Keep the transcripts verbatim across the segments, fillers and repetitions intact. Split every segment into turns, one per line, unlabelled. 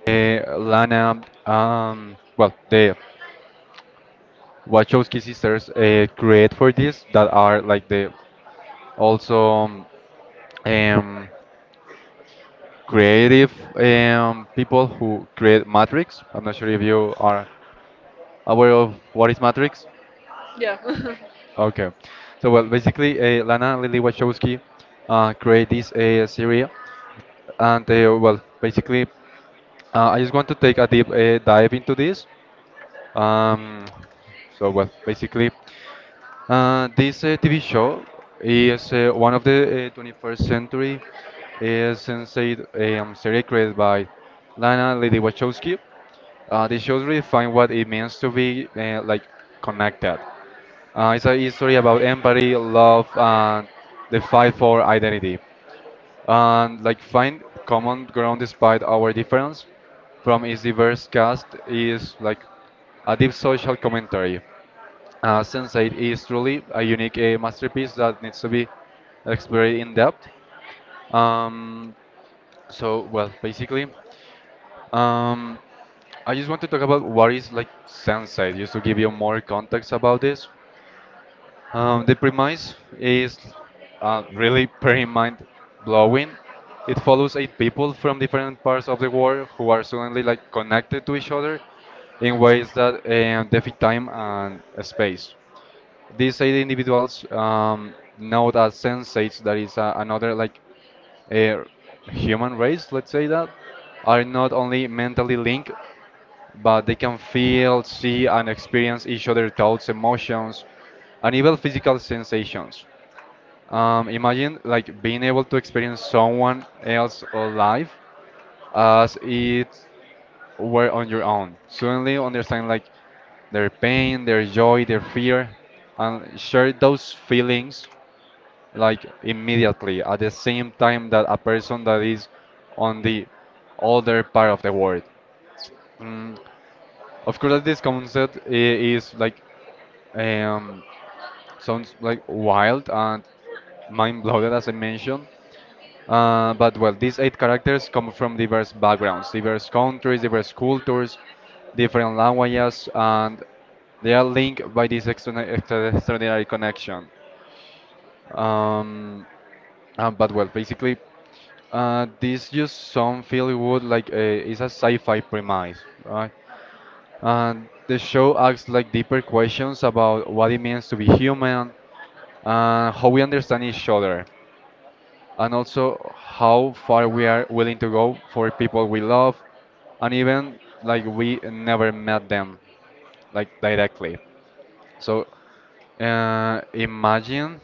uh, Lana, um, well, the Wachowski sisters uh, create for this, that are like the also um, um, creative um, people who create Matrix. I'm not sure if you are aware of what is Matrix.
Yeah.
Okay. So, well, basically, uh, Lana Lily Wachowski uh, created this uh, series, and uh, well, basically, uh, I just want to take a deep uh, dive into this. Um, so well, basically, uh, this uh, T V show is uh, one of the uh, twenty-first century uh, sensei um, series created by Lana Lily Wachowski. Uh, the shows redefine what it means to be uh, like connected. Uh, it's a story about empathy, love, and the fight for identity. And like find common ground despite our difference from its diverse cast is like a deep social commentary. Uh, sense eight is truly a unique uh, masterpiece that needs to be explored in depth. Um, so, well, basically, um, I just want to talk about what is like sense eight, just to give you more context about this. Um, the premise is uh, really pretty mind blowing. It follows eight people from different parts of the world who are suddenly like connected to each other in ways that um, defy time and space. These eight individuals um, know that sensates, that is uh, another like a human race, let's say that, are not only mentally linked, but they can feel, see, and experience each other's thoughts, emotions, and even physical sensations. Um, imagine like being able to experience someone else's life as it were on your own. Suddenly understand like their pain, their joy, their fear, and share those feelings like immediately at the same time that a person that is on the other part of the world. Mm, Of course, that this concept i- is like um, sounds like wild and mind-blowing, as I mentioned. Uh, but well, these eight characters come from diverse backgrounds, diverse countries, diverse cultures, different languages, and they are linked by this extra- extra- extraordinary connection. Um, uh, but well, basically, uh, this just some feel would like uh, is a sci-fi premise, right? And the show asks like deeper questions about what it means to be human, and how we understand each other, and also how far we are willing to go for people we love, and even like we never met them like directly. So uh, imagine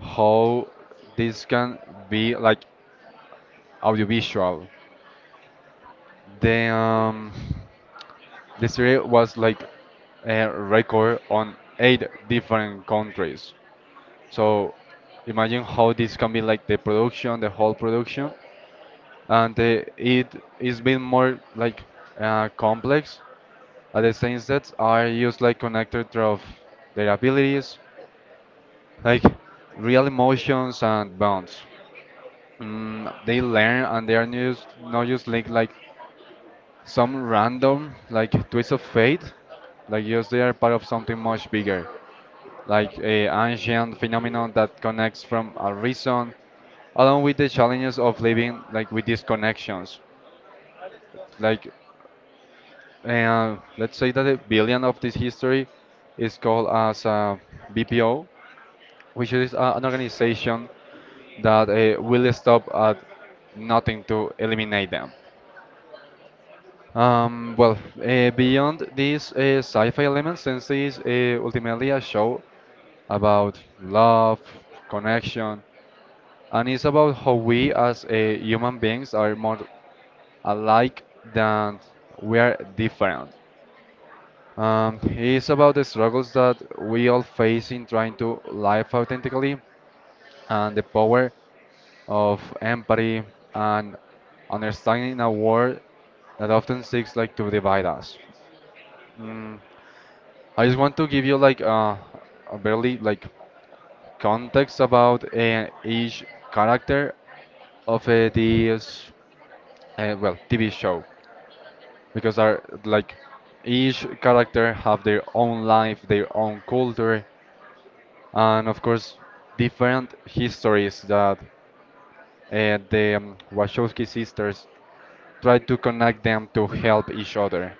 how this can be like audiovisual. The um, The series was like a record on eight different countries. So imagine how this can be like the production, the whole production, and uh, it is been more like uh, complex. At the same sets are used like connected of their abilities, like real emotions and bonds. Mm, they learn and they are used, not just like like some random like twist of fate, like just they are part of something much bigger, like a ancient phenomenon that connects from a reason along with the challenges of living like with these connections, like uh, let's say that a billion of this history is called as a bpo, which is a, an organization that uh, will stop at nothing to eliminate them. Um, well, uh, beyond these uh, sci-fi elements, since this uh, ultimately a show about love, connection, and it's about how we as uh, human beings are more alike than we are different. Um, it's about the struggles that we all face in trying to live authentically, and the power of empathy and understanding a world that often seeks like to divide us. Mm, I just want to give you like uh, a barely like context about uh, each character of uh, this uh, well T V show because they're like each character have their own life, their own culture, and of course different histories that uh, the um, Wachowski sisters try to connect them to help each other.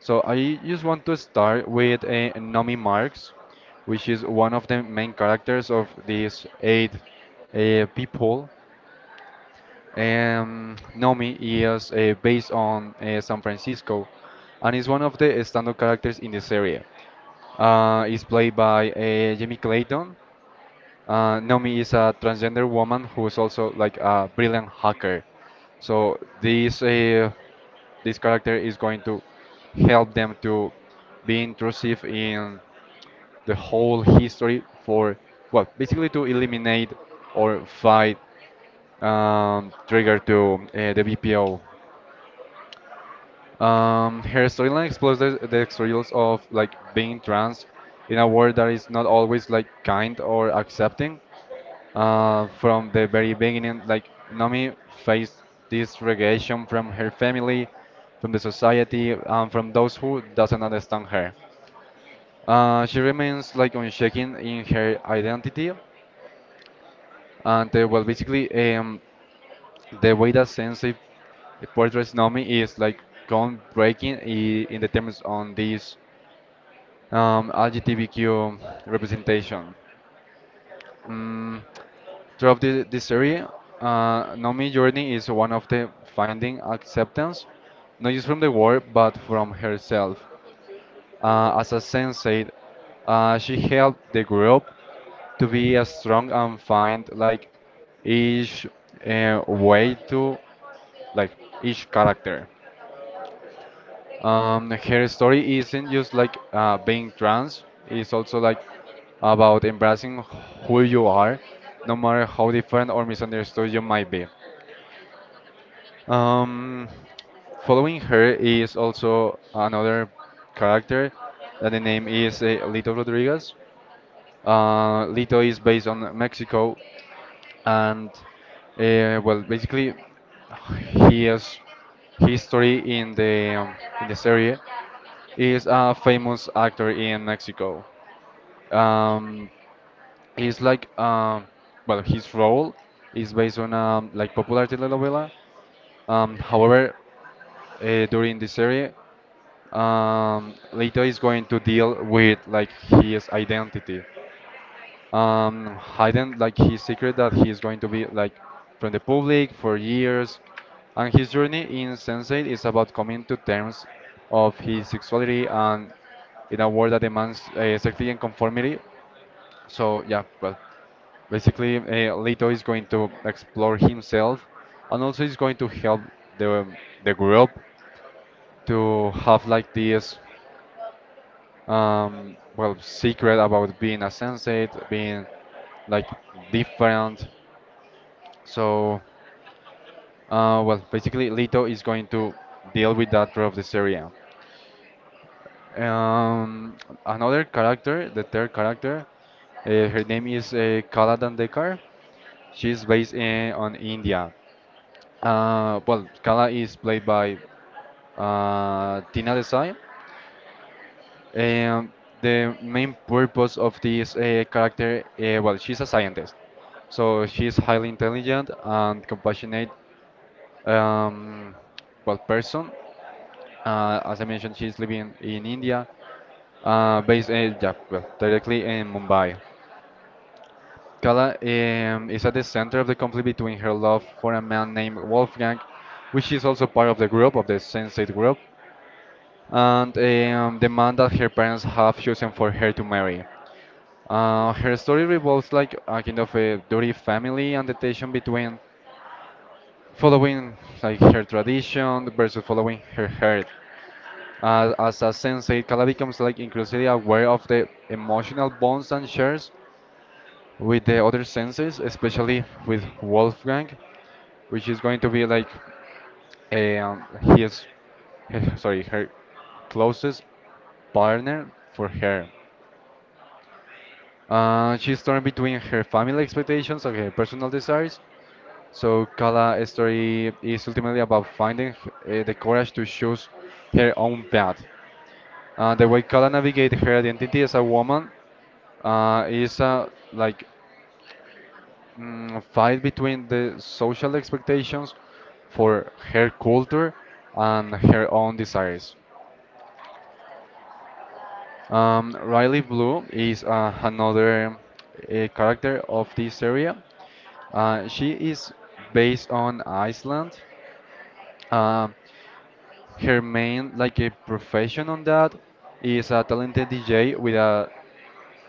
So I just want to start with uh, Nomi Marx, which is one of the main characters of these eight uh, people. Um, Nomi is uh, based on uh, San Francisco and is one of the standout characters in this area. Uh, is played by uh, Jimmy Clayton. uh, Naomi is a transgender woman who is also like a brilliant hacker. So this uh, this character is going to help them to be intrusive in the whole history for, well, basically to eliminate or fight um, Trigger to uh, the B P O. Um, her storyline explores the, the struggles of like being trans in a world that is not always like kind or accepting. Uh, from the very beginning, like Nomi faced this rejection from her family, from the society, and from those who doesn't understand her. Uh, she remains like unshaken in her identity, and uh, well, basically, um the way that Sensei portrays Nomi is like gone breaking i- in the terms on this um, L G B T Q representation. Mm, Throughout the, this series, uh, Nomi's journey is one of the finding acceptance, not just from the world, but from herself. Uh, as a sensei, uh, she helped the group to be as strong and find like each uh, way to like each character. Um, her story isn't just like uh, being trans; it's also like about embracing who you are, no matter how different or misunderstood you might be. Um, Following her is also another character that the name is uh, Lito Rodriguez. Uh, Lito is based on Mexico, and uh, well, basically, his history in the um, in the series is a famous actor in Mexico. Um, he's like um, well, his role is based on um, like popular telenovela. Um, however, uh, during the series, um, Leto is going to deal with like his identity, um, hiding like his secret that he is going to be like from the public for years. And his journey in Sensei is about coming to terms of his sexuality and in a world that demands uh, safety and conformity. So, yeah, well, basically uh, Leto is going to explore himself, and also he's going to help the um, the group to have like this um, well, secret about being a sensei, being like different. So, uh, well, basically, Leto is going to deal with that throughout the series. Um, another character, the third character, uh, her name is uh, Kala Dandekar. She's based in on India. Uh, well, Kala is played by uh, Tina Desai. Um, the main purpose of this uh, character, uh, well, she's a scientist, so she's highly intelligent and compassionate, um, well, person. Uh, as I mentioned, she's living in India, uh, based, uh, yeah, well, directly in Mumbai. Kala um, is at the center of the conflict between her love for a man named Wolfgang, which is also part of the group of the Sensate group, and um, the man that her parents have chosen for her to marry. Uh, her story revolves like a kind of a dirty family and the tension between following like her tradition versus following her heart. Uh, as a sensei, Kala becomes like increasingly aware of the emotional bonds and shares with the other senses, especially with Wolfgang, which is going to be like um, he sorry her closest partner for her. Uh, she's torn between her family expectations and her personal desires. So Kala's story is ultimately about finding uh, the courage to choose her own path. Uh, the way Kala navigates her identity as a woman uh, is a like mm, fight between the social expectations for her culture and her own desires. Um, Riley Blue is uh, another uh, character of this area. Uh, she is based on Iceland. Uh, her main like a profession on that is a talented D J with a,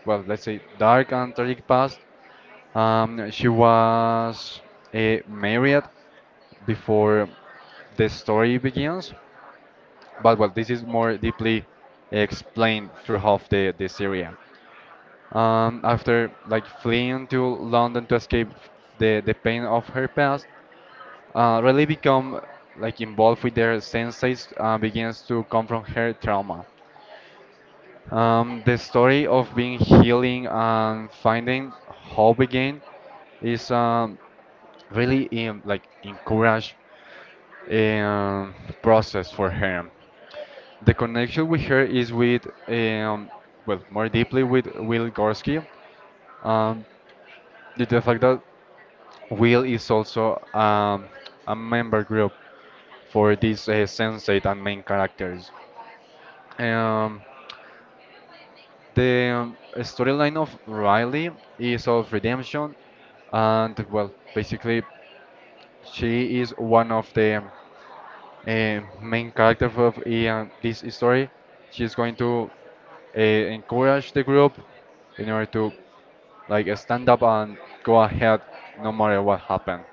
well, let's say dark and tragic past. Um, she was uh, married before the story begins. But well, this is more deeply explained throughout the, the Syria. Um, after like fleeing to London to escape the, the pain of her past, uh, really become like involved with their senses uh, begins to come from her trauma. Um, the story of being healing and finding hope again is um, really um, like encourage um, process for her. The connection with her is with, um, well, more deeply with Will Gorsky, um, due to the fact that Will is also um, a member group for these uh, sensate and main characters. Um, the um, storyline of Riley is of redemption, and well, basically, she is one of the um, uh, main character of uh, this story. She's going to uh, encourage the group in order to like uh, stand up and go ahead no matter what happened.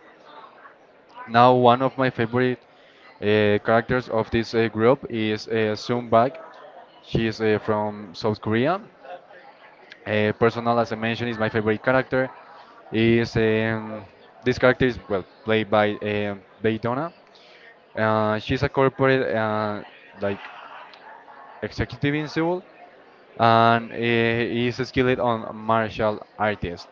Now, one of my favorite uh, characters of this uh, group is uh, Soon Bak. She is uh, from South Korea. Uh, personal, as I mentioned, is my favorite character. Is um, This character is well played by um Bae Donna. Uh, she's a corporate uh, like executive in Seoul, and he is skilled on martial artist.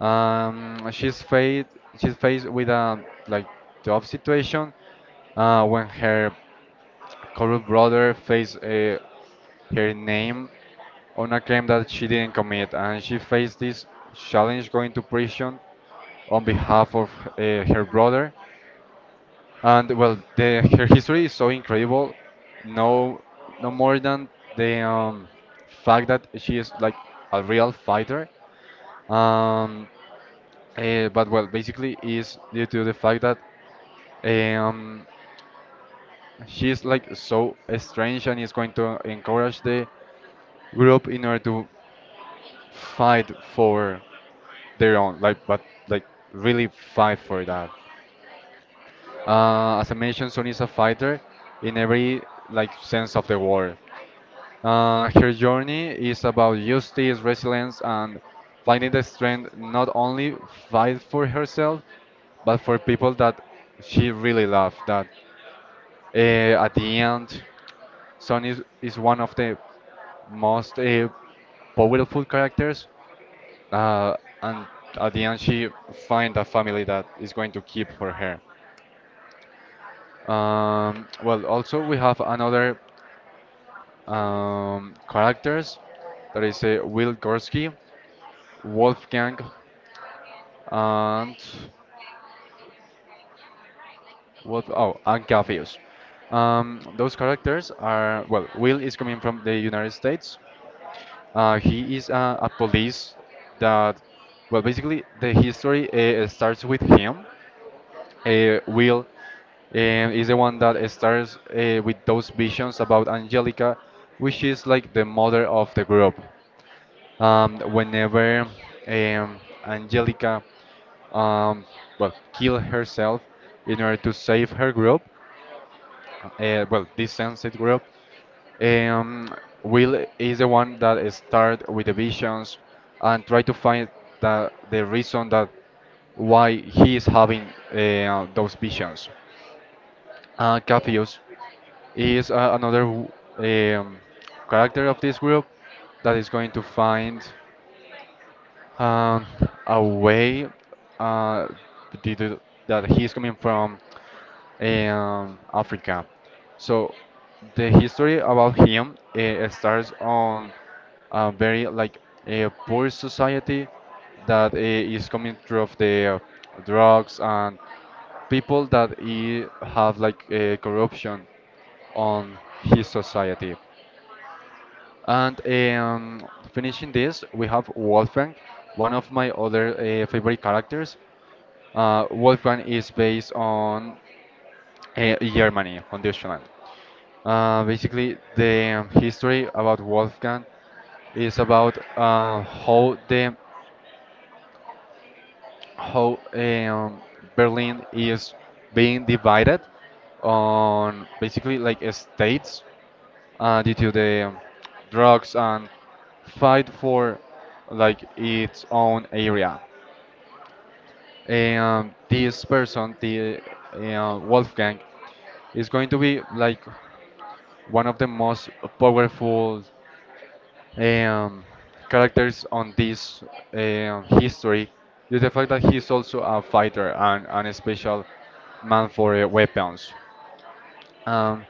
Um, she's faced she's faced with a like tough situation uh, when her corrupt brother faced uh, her name on a crime that she didn't commit, and she faced this challenge going to prison on behalf of uh, her brother. And well, the, her history is so incredible. No, no more than the um, fact that she is like a real fighter. Um, eh, but well, basically is due to the fact that um, she is like so strange and is going to encourage the group in order to fight for their own, like but like really fight for that. Uh, as I mentioned, Sun is a fighter in every like sense of the word. Uh, her journey is about justice, resilience, and finding the strength not only fight for herself, but for people that she really loved. That uh, at the end, Sun is, is one of the most uh, powerful characters, uh, and at the end she find a family that is going to keep for her. Um, well, also we have another um, characters that is uh, Will Gursky, Wolfgang, and Wolf. Oh, and Gaffius. Um, those characters are well. Will is coming from the United States. Uh, he is uh, a police that, well, basically the history uh, starts with him. uh, Will um, is the one that starts uh, with those visions about Angelica, which is like the mother of the group. Um, whenever um, Angelica um, well, kill herself in order to save her group, uh, uh, well, this Sunset Group. Um, Will is the one that start with the visions and try to find the, the reason that why he is having uh, those visions. Uh, Capheus is uh, another w- um, character of this group that is going to find um, away uh, due to that he's coming from um, Africa. So the history about him uh, starts on a very like a poor society that uh, is coming through of the drugs and people that eh, have like uh, corruption on his society. And um, finishing this, we have Wolfgang, one of my other uh, favorite characters. Uh, Wolfgang is based on uh, Germany, on Deutschland. Uh, basically, the um, history about Wolfgang is about uh, how the how um, Berlin is being divided on basically like uh, states uh, due to the um, drugs and fight for like its own area. And this person, the uh, Wolfgang, is going to be like one of the most powerful um, characters on this um, history is the fact that he's also a fighter and, and a special man for uh, weapons. Um,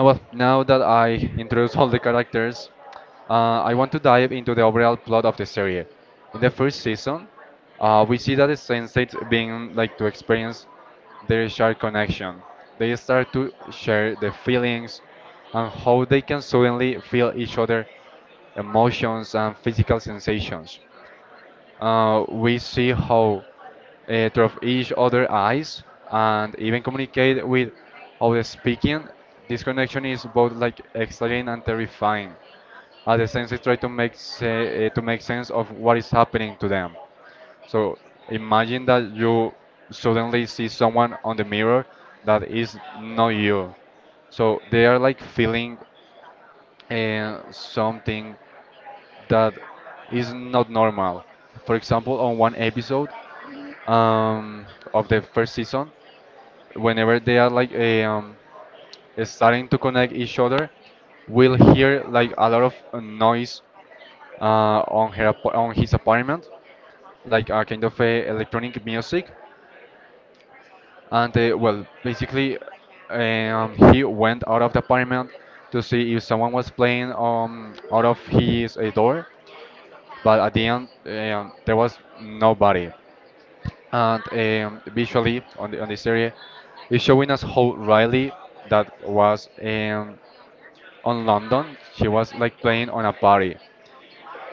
uh, Well, now that I introduce all the characters, uh, I want to dive into the overall plot of the series. In the first season, uh, we see that the Senseits being like to experience their shared connection. They start to share their feelings and how they can suddenly feel each other emotions and physical sensations. Uh, we see how uh, through each other eyes and even communicate with other speaking. This connection is both like exciting and terrifying. At the senses try to make se- uh, to make sense of what is happening to them. So imagine that you suddenly see someone on the mirror that is not you. So they are like feeling uh, something that is not normal. For example, on one episode, um, of the first season, whenever they are like eh, um, starting to connect each other, we'll hear like a lot of uh, noise uh, on her ap- on his apartment, like a kind of a electronic music, and uh, well, basically, eh, um, he went out of the apartment to see if someone was playing um, out of his eh, door, but at the end eh, um, there was nobody. And um, visually on the on this area is showing us how Riley that was um, on London she was like playing on a party,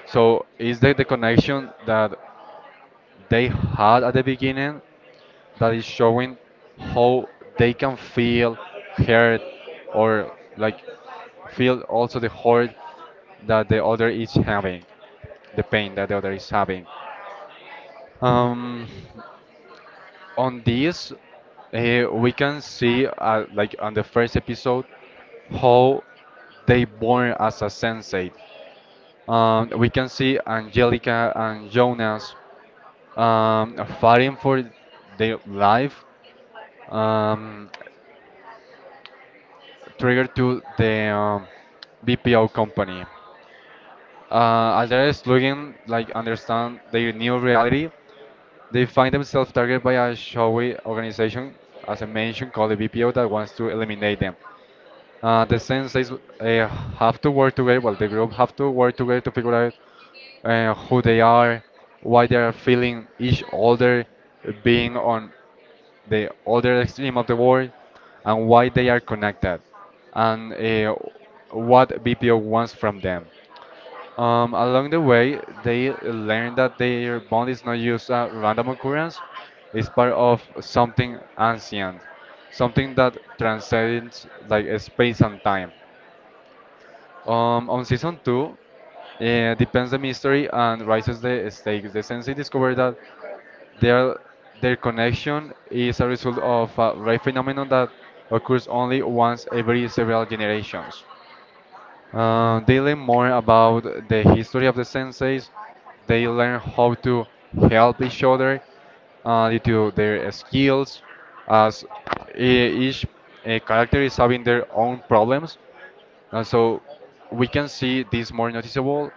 so is that the connection that they had at the beginning that is showing how they can feel hurt or like feel also the hurt that the other is having, the pain that the other is having. um on this, uh, we can see uh, like on the first episode how they born as a sensei. Um, we can see Angelica and Jonas um, fighting for their life, um, triggered to the um, BPO company. Uh, as they're struggling, like understand their new reality, they find themselves targeted by a shadowy organization, as I mentioned, called the B P O, that wants to eliminate them. Uh, the senseis uh, have to work together. Well, the group have to work together to figure out uh, who they are, why they are feeling each other being on the other extreme of the world, and why they are connected, and uh, what B P O wants from them. Um, along the way, they learn that their bond is not just a random occurrence, it's part of something ancient, something that transcends like space and time. Um, on season two, uh, depends the mystery and rises the stakes. The sensei discover that their their connection is a result of a rare phenomenon that occurs only once every several generations. Uh, they learn more about the history of the senseis. They learn how to help each other uh, due to their skills, as e- each uh, character is having their own problems. And so we can see this more noticeable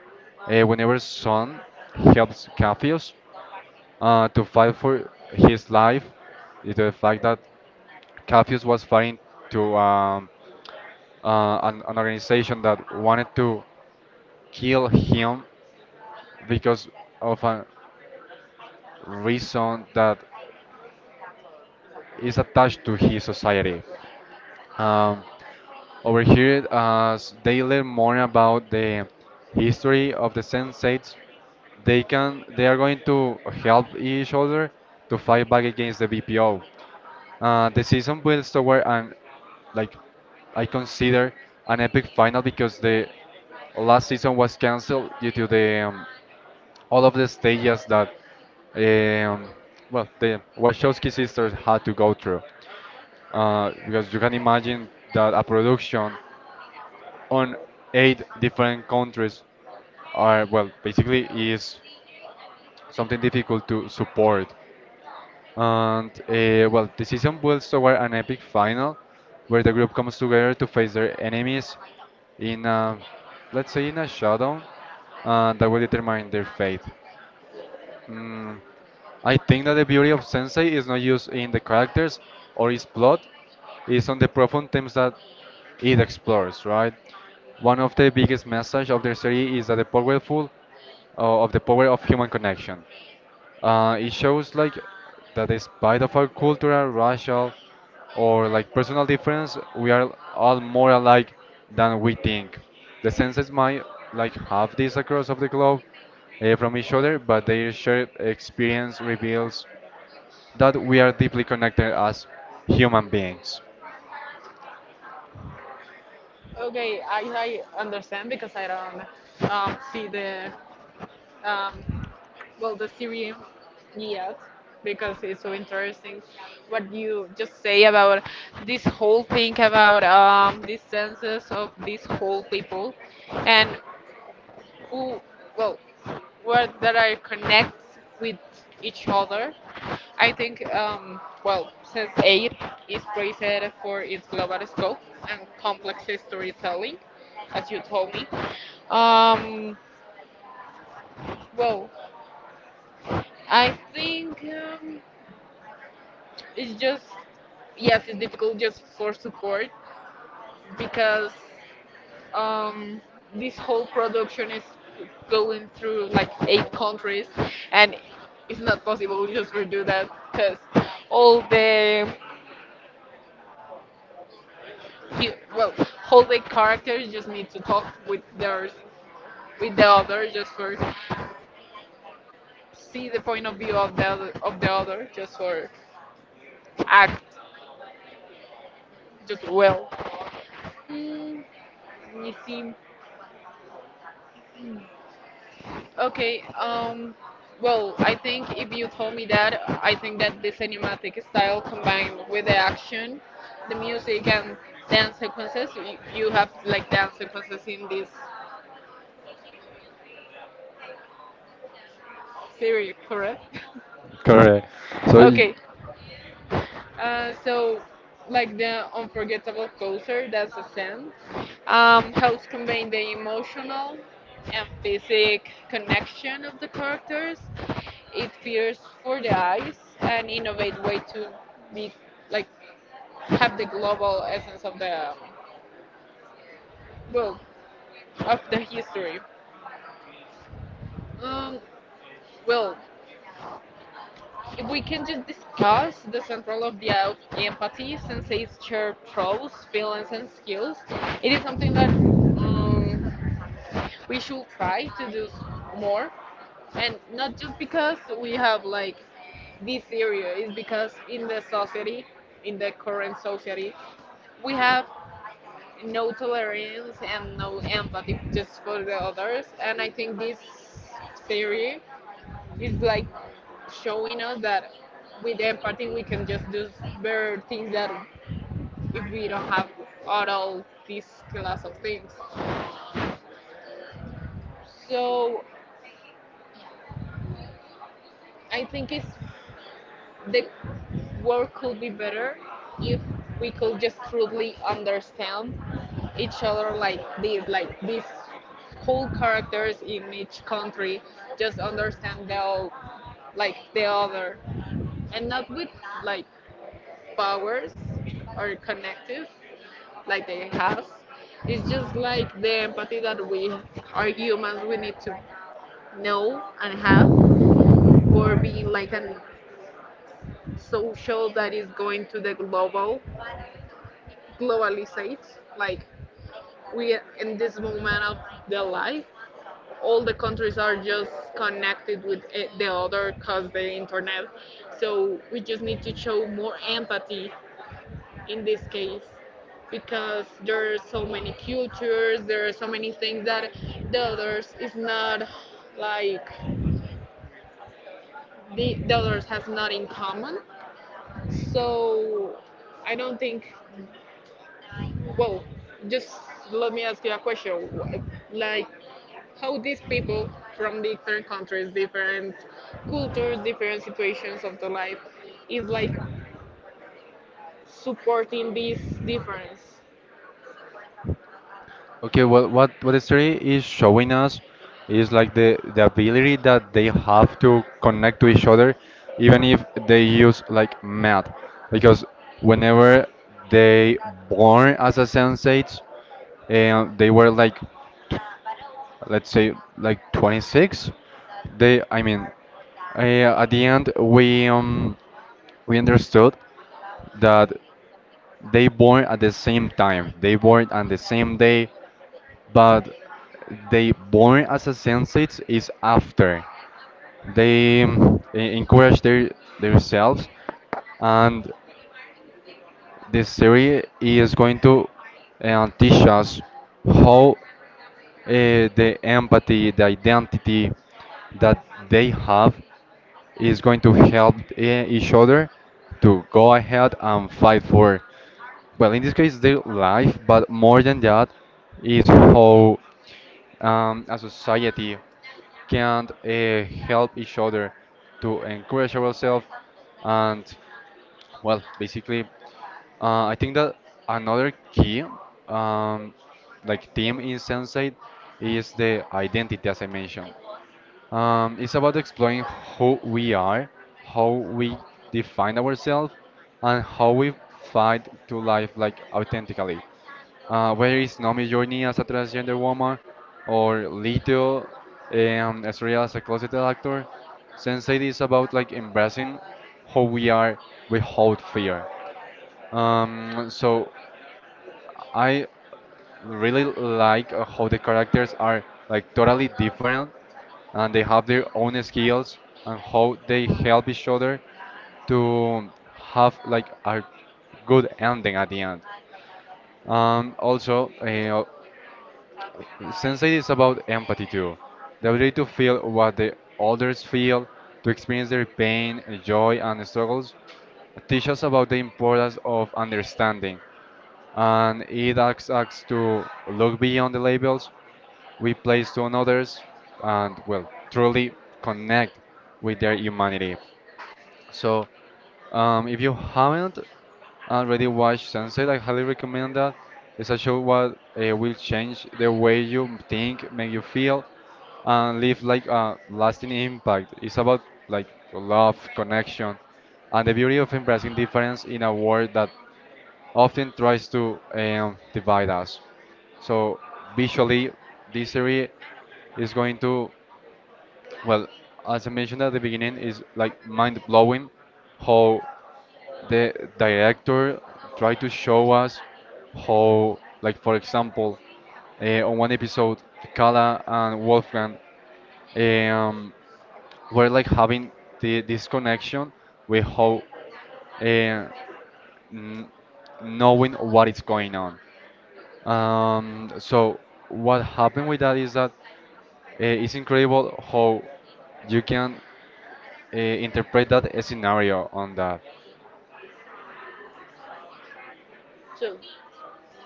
uh, whenever Son helps Capheus uh, to fight for his life, due to the fact that Capheus was fighting to um, uh, an, an organization that wanted to kill him because of a reason that is attached to his society. Um, Over here, as they learn more about the history of the sensates, they can they are going to help each other to fight back against the B P O. Uh, the season builds toward an like I consider an epic final because the last season was cancelled due to the um, all of the stages that um, well the Wachowski sisters had to go through uh, because you can imagine that a production on eight different countries are well basically is something difficult to support. And uh, well the season builds toward an epic final where the group comes together to face their enemies in a, let's say in a showdown uh, that will determine their fate. Mm, I think that the beauty of Sensei is not used in the characters or its plot, it's on the profound themes that it explores, right? One of the biggest message of the series is that the powerful uh, of the power of human connection. Uh, it shows like that despite of our cultural, racial, or like personal difference, we are all more alike than we think. The senses might like have this across of the globe, uh, from each other, but their shared experience reveals that we are deeply connected as human beings.
Okay, I like understand because I don't um, see the um, well the series yet because it's so interesting what you just say about this whole thing about um, these senses of these whole people and who well where that I connect with each other. I think um, well since A I R is praised for its global scope and complex storytelling, as you told me. Um, well, I think um, it's just yes, it's difficult just for support because um, this whole production is going through like eight countries, and it's not possible just to do that because all the hu- well, all the characters just need to talk with theirs with the other just for see the point of view of the other, of the other just for act just well. Mm, let me see. Okay, um, well, I think if you told me that, I think that the cinematic style combined with the action, the music, and dance sequences, y- you have like dance sequences in this series, correct?
Correct. So, y-
Okay, Uh, so, like the unforgettable closer, that's a sense, um, helps convey the emotional and physic connection of the characters. It fears for the eyes and innovate way to be like have the global essence of the well of the history. Um, well, If we can just discuss the central of the out- empathy since it's shared through feelings and skills, it is something that um, we should try to do more, and not just because we have like this area, it's because in the society, in the current society, we have no tolerance and no empathy just for the others, and I think this theory it's like showing us that with empathy we can just do better things that if we don't have all this class of things. So I think it's the world could be better if we could just truly understand each other like this, like these whole characters in each country just understand the all, like the other, and not with like powers or connective like they have. It's just like the empathy that we are humans we need to know and have for being like a social that is going to the global globalizate. Like we in this moment of the life, all the countries are just connected with eh, the other cause the internet. So we just need to show more empathy in this case because there are so many cultures there are so many things that the others is not like the, the others has not in common so I don't think well just let me ask you a question like how these people from different countries different cultures different situations of the life is like supporting this difference
okay, well, what what the story is showing us is like the the ability that they have to connect to each other, even if they use like math, because whenever they born as a sensates, and they were like let's say like twenty-six, they I mean uh, at the end we um we understood that they born at the same time, they born on the same day, but they born as a sensates is after they um, e- encourage their themselves. And this theory is going to uh, teach us how eh, the empathy, the identity that they have is going to help eh, each other to go ahead and fight for, well, in this case, their life, but more than that, is how um, a society can uh, help each other to encourage ourselves. And well basically uh, I think that another key um, like theme in Sensei is the identity, as I mentioned. Um, it's about exploring who we are, how we define ourselves, and how we fight to life like authentically. Uh, where is Nomi's journey as a transgender woman, or Lito, um, Estrella as a closeted actor? Sensei is about like embracing who we are without fear. Um, so I really like uh, how the characters are like totally different and they have their own skills and how they help each other to have like a good ending at the end. Um, also, uh, Sensei is about empathy too, the ability to feel what the others feel, to experience their pain, joy, and struggles. Teach us about the importance of understanding, and it asks us to look beyond the labels we place to others and well truly connect with their humanity. So um, if you haven't already watched Sunset, I highly recommend that. It's a show what uh, will change the way you think, make you feel, and leave like a lasting impact. It's about like love, connection, and the beauty of embracing difference in a world that often tries to um, divide us. So visually, this series is going to, well, as I mentioned at the beginning, is like mind blowing how the director tried to show us how, like for example, uh, on one episode, Kala and Wolfgang um, we're like having the, this connection with how uh, n- knowing what is going on. Um, so what happened with that is that uh, it's incredible how you can uh, interpret that scenario on that.
too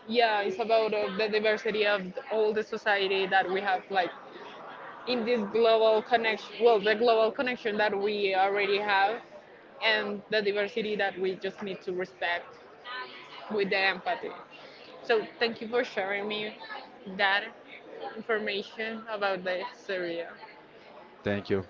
yeah it's about uh, the diversity of all the society that we have like in this global connection well the global connection that we already have and the diversity that we just need to respect with the empathy so thank you for sharing me that information about the syria
Thank you.